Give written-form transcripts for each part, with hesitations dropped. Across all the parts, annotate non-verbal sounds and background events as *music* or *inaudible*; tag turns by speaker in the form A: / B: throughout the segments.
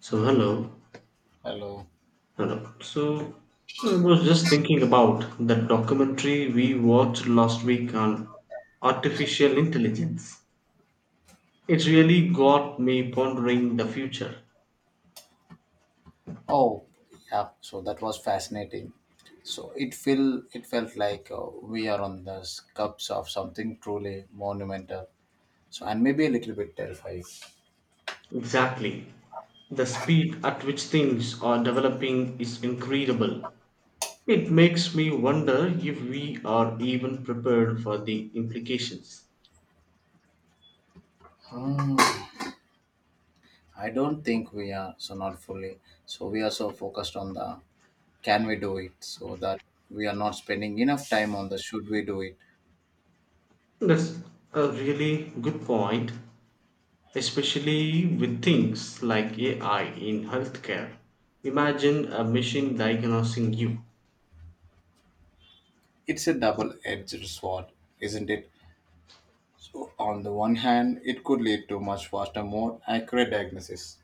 A: So hello,
B: Hello.
A: hello. So I was just thinking about that documentary we watched last week on artificial intelligence. It really got me pondering the future.
B: Oh, yeah. So that was fascinating. So it felt like we are on the cups of something truly monumental. So and maybe a little bit terrifying.
A: Exactly. The speed at which things are developing is incredible. It makes me wonder if we are even prepared for the implications.
B: Hmm, I don't think we are so not fully. So we are so focused on the can we do it so that we are not spending enough time on the should we do it.
A: That's a really good point. Especially with things like AI in healthcare. Imagine a machine diagnosing you.
B: It's a double-edged sword, isn't it? So on the one hand, it could lead to much faster, more accurate diagnosis.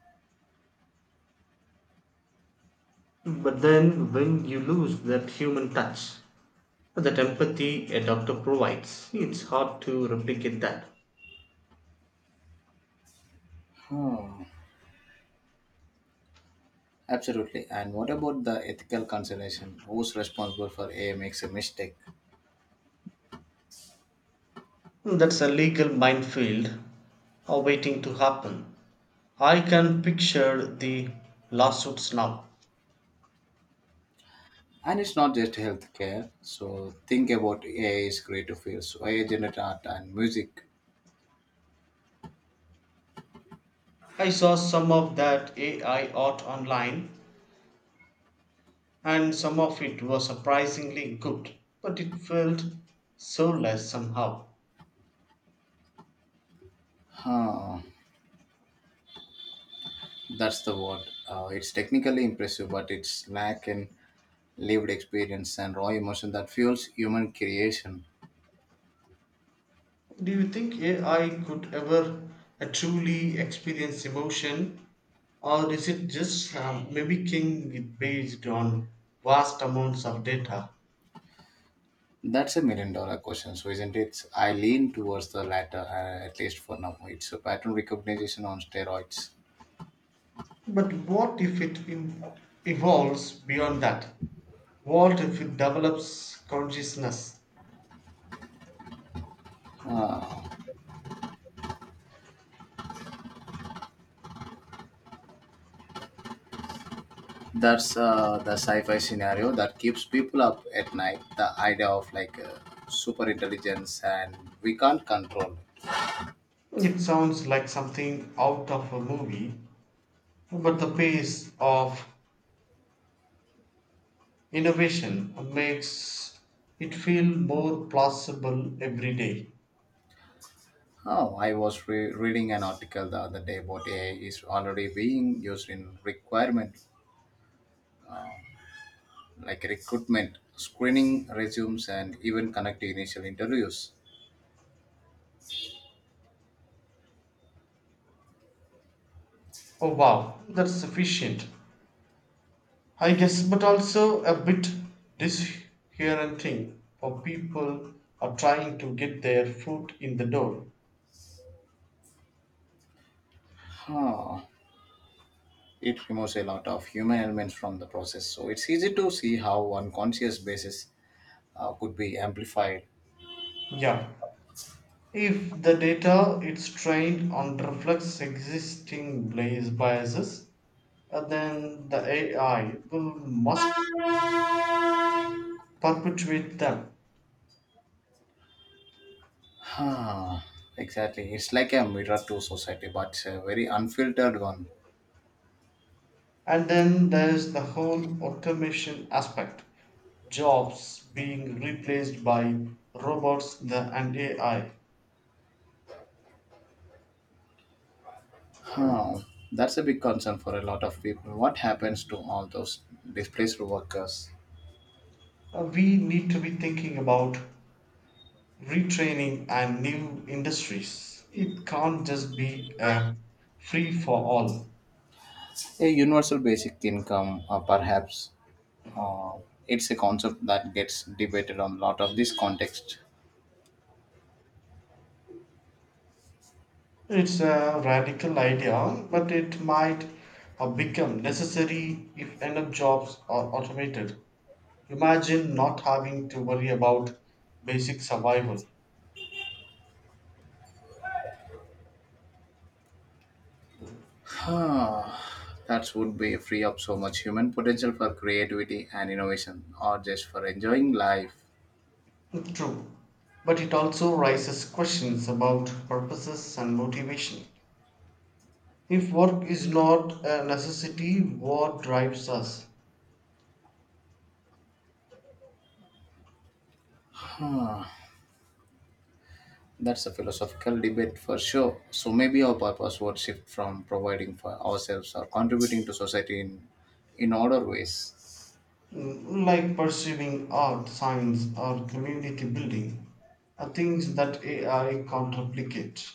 A: But then, when you lose that human touch, that empathy a doctor provides, it's hard to replicate that.
B: Hmm. Absolutely. And what about the ethical consideration? Who's responsible for AI makes a mistake?
A: That's a legal minefield waiting to happen. I can picture the lawsuits now.
B: And it's not just healthcare. So think about AI is creative fields. So AI generate art and music.
A: I saw some of that AI art online and some of it was surprisingly good, but it felt soulless somehow.
B: Huh. That's the word. It's technically impressive, but it's lack in lived experience and raw emotion that fuels human creation.
A: Do you think AI could ever truly experience emotion, or is it just mimicking it based on vast amounts of data?
B: That's a million-dollar question, so isn't it? I lean towards the latter, at least for now. It's a pattern recognition on steroids.
A: But what if it evolves beyond that? What if it develops consciousness?
B: That's the sci-fi scenario that keeps people up at night. The idea of like super intelligence and we can't control it.
A: It sounds like something out of a movie, but the pace of Innovation makes it feel more plausible every day.
B: Oh, I was reading an article the other day about AI is already being used in requirement, like recruitment, screening resumes, and even conducting initial interviews.
A: Oh wow, that's sufficient. I guess, but also a bit disheartening for people are trying to get their foot in the door.
B: Huh. It removes a lot of human elements from the process, so it's easy to see how on conscious basis could be amplified.
A: Yeah, if the data is trained on reflects existing biases, then the AI will must perpetuate them.
B: Huh, exactly. It's like a mirror to society, but a very unfiltered one.
A: And then there's the whole automation aspect jobs being replaced by robots the, and AI.
B: Huh. That's a big concern for a lot of people. What happens to all those displaced workers?
A: We need to be thinking about retraining and new industries. It can't just be a free for all.
B: A universal basic income, or perhaps, uh, it's a concept that gets debated on a lot of this context.
A: It's a radical idea, but it might become necessary if enough jobs are automated. Imagine not having to worry about basic survival.
B: Huh. That would be free up so much human potential for creativity and innovation, or just for enjoying life.
A: True, but it also raises questions about purposes and motivation. If work is not a necessity, what drives us?
B: That's a philosophical debate for sure. So maybe our purpose would shift from providing for ourselves or contributing to society in other ways.
A: Mm, like pursuing art, science, or community building, are things that AI can't replicate.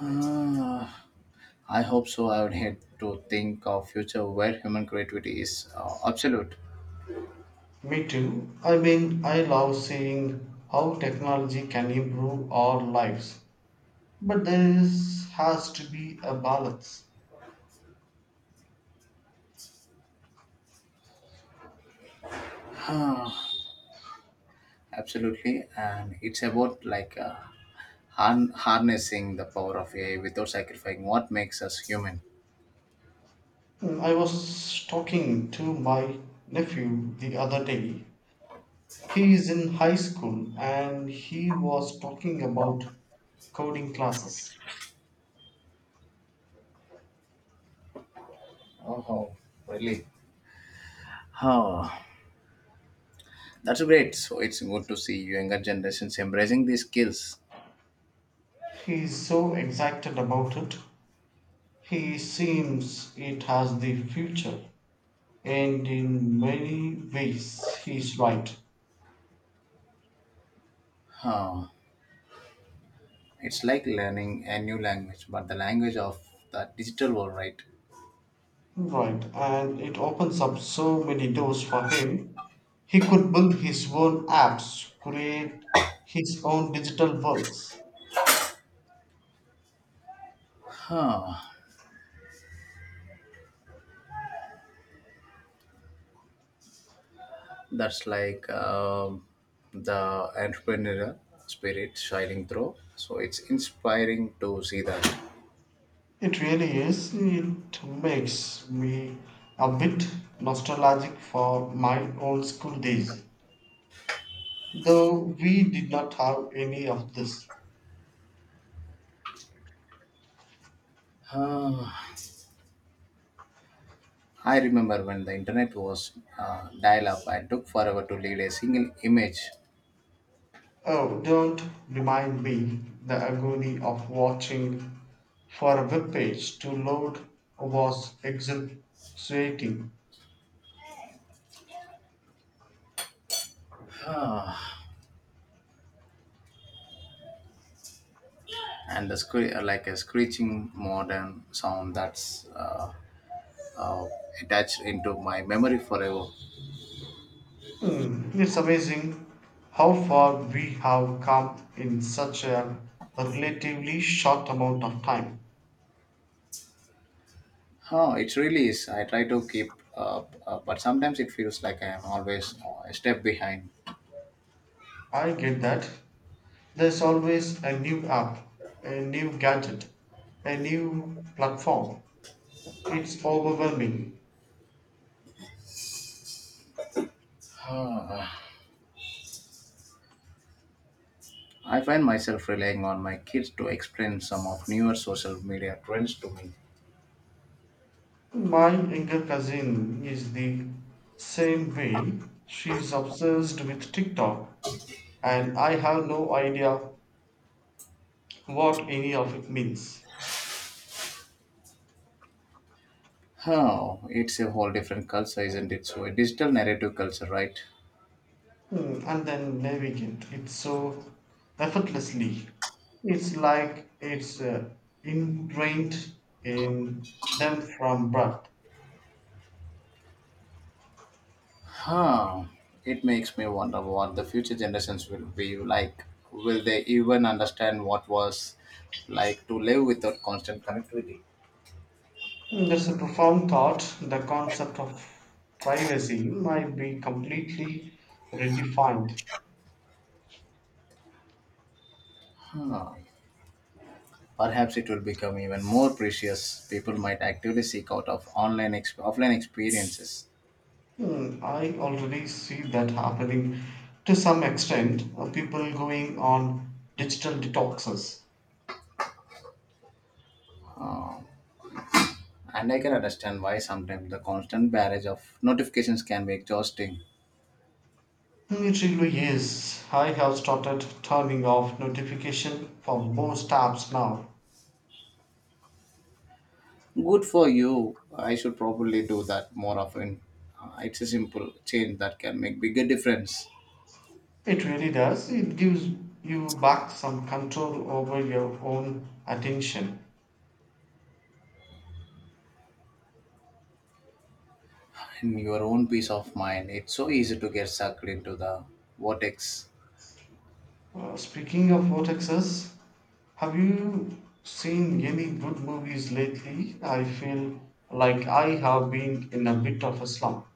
B: Ah, I hope so. I would hate to think of future where human creativity is absolute,
A: Me too. I mean, I love seeing how technology can improve our lives, but there is, has to be a balance.
B: absolutely, and it's about like harnessing the power of AI without sacrificing what makes us human.
A: I was talking to my nephew the other day. He is in high school and he was talking about coding classes.
B: Oh, really? Oh, that's great. So it's good to see younger generations embracing these skills.
A: He is so excited about it. He seems it has the future, and in many ways he's right.
B: Huh. It's like learning a new language, but the language of the digital world, right?
A: Right, and it opens up so many doors for him. He could build his own apps, create his own digital worlds.
B: Huh. That's the entrepreneur spirit shining through. So it's inspiring to see that.
A: It really is. It makes me a bit nostalgic for my own school days, though we did not have any of this.
B: Huh. I remember when the internet was dial up, I took forever to read a single image.
A: Oh, don't remind me the agony of watching for a web page to load was exhilarating.
B: Huh. And the like a screeching modern sound that's uh, attached into my memory forever.
A: Hmm, it's amazing how far we have come in such a relatively short amount of time.
B: Oh, it really is. I try to keep up, but sometimes it feels like I am always a step behind.
A: I get that. There's always a new app, a new gadget, a new platform. It's overwhelming.
B: Ah. I find myself relying on my kids to explain some of newer social media trends to me.
A: My younger cousin is the same way. She's obsessed with TikTok, and I have no idea what any of it means.
B: Oh, it's a whole different culture, isn't it? So, a digital narrative culture, right?
A: Hmm, and then navigate it so effortlessly. It's like it's ingrained in them from birth.
B: Huh. It makes me wonder what the future generations will be like. Will they even understand what was like to live without constant connectivity?
A: Mm, that's a profound thought. The concept of privacy might be completely redefined.
B: Huh. Perhaps it will become even more precious. People might actively seek out of online offline experiences.
A: Mm, I already see that happening to some extent. People going on digital detoxes.
B: And I can understand why sometimes the constant barrage of notifications can be exhausting.
A: Mm, it really is. I have started turning off notification for most apps now.
B: Good for you. I should probably do that more often. It's a simple change that can make bigger difference
A: It really does. It gives you back some control over your own attention.
B: in your own peace of mind. It's so easy to get sucked into the vortex.
A: Speaking of vortexes, have you seen any good movies lately? I feel like I have been in a bit of a slump.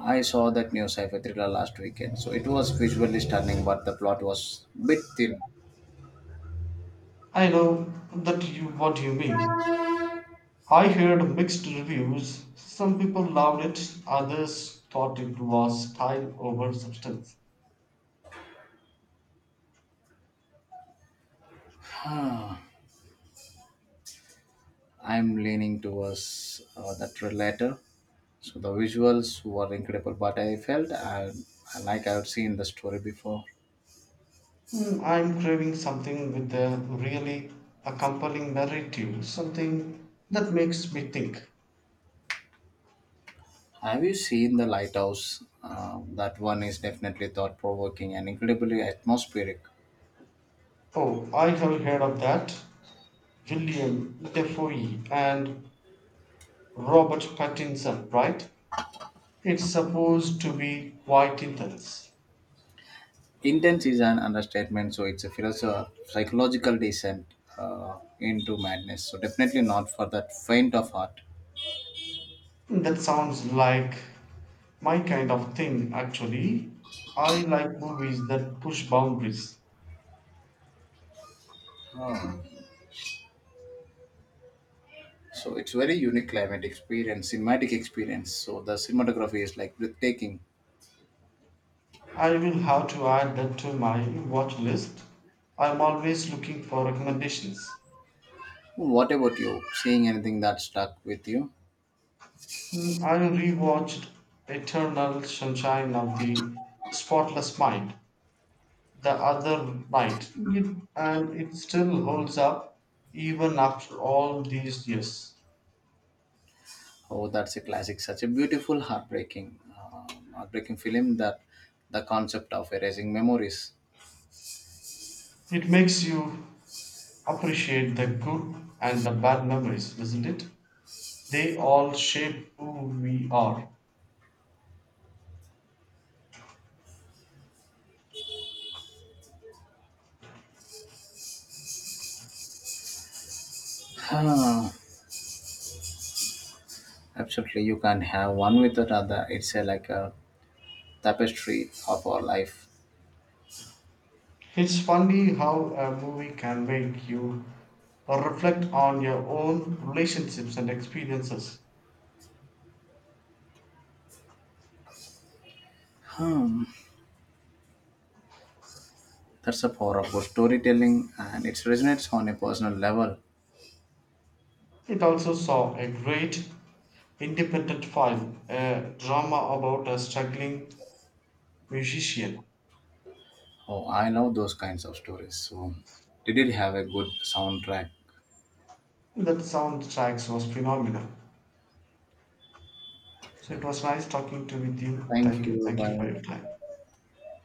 B: I saw that new sci-fi thriller last weekend, so it was visually stunning, but the plot was bit thin.
A: I know that you what you mean. I heard mixed reviews. Some people loved it, others thought it was style over substance.
B: I'm leaning towards that latter. So the visuals were incredible, but I felt I like I've seen the story before.
A: Hmm, I'm craving something with a really a compelling narrative, something that makes me think.
B: Have you seen the lighthouse? That one is definitely thought provoking and incredibly atmospheric.
A: Oh, I have heard of that. William Defoe and Robert Pattinson, right? It's supposed to be quite intense.
B: Intense is an understatement, so it's a psychological descent into madness. So definitely not for that faint of heart.
A: That sounds like my kind of thing, actually. I like movies that push boundaries.
B: So it's very unique climate experience, cinematic experience. So the cinematography is like breathtaking.
A: I will have to add that to my watch list. I'm always looking for recommendations.
B: What about you? Seeing anything that stuck with you?
A: Mm, I rewatched Eternal Sunshine of the Spotless Mind the other night, and it still holds up even after all these years.
B: Oh, that's a classic. Such a beautiful, heartbreaking film that the concept of erasing memories.
A: It makes you appreciate the good and the bad memories, doesn't it? They all shape who we are.
B: Ah, *sighs* absolutely, you can't have one without other. It's like a tapestry of our life.
A: It's funny how a movie can make you reflect on your own relationships and experiences.
B: Hmm. That's the power of good storytelling, and it resonates on a personal level.
A: It also saw a great independent film, a drama about a struggling musician.
B: Oh, I love those kinds of stories. So, did it have a good soundtrack?
A: That soundtracks was phenomenal. So it was nice talking to with you. Thank
B: Thank
A: you.
B: you.
A: Thank you
B: Bye.
A: for your time.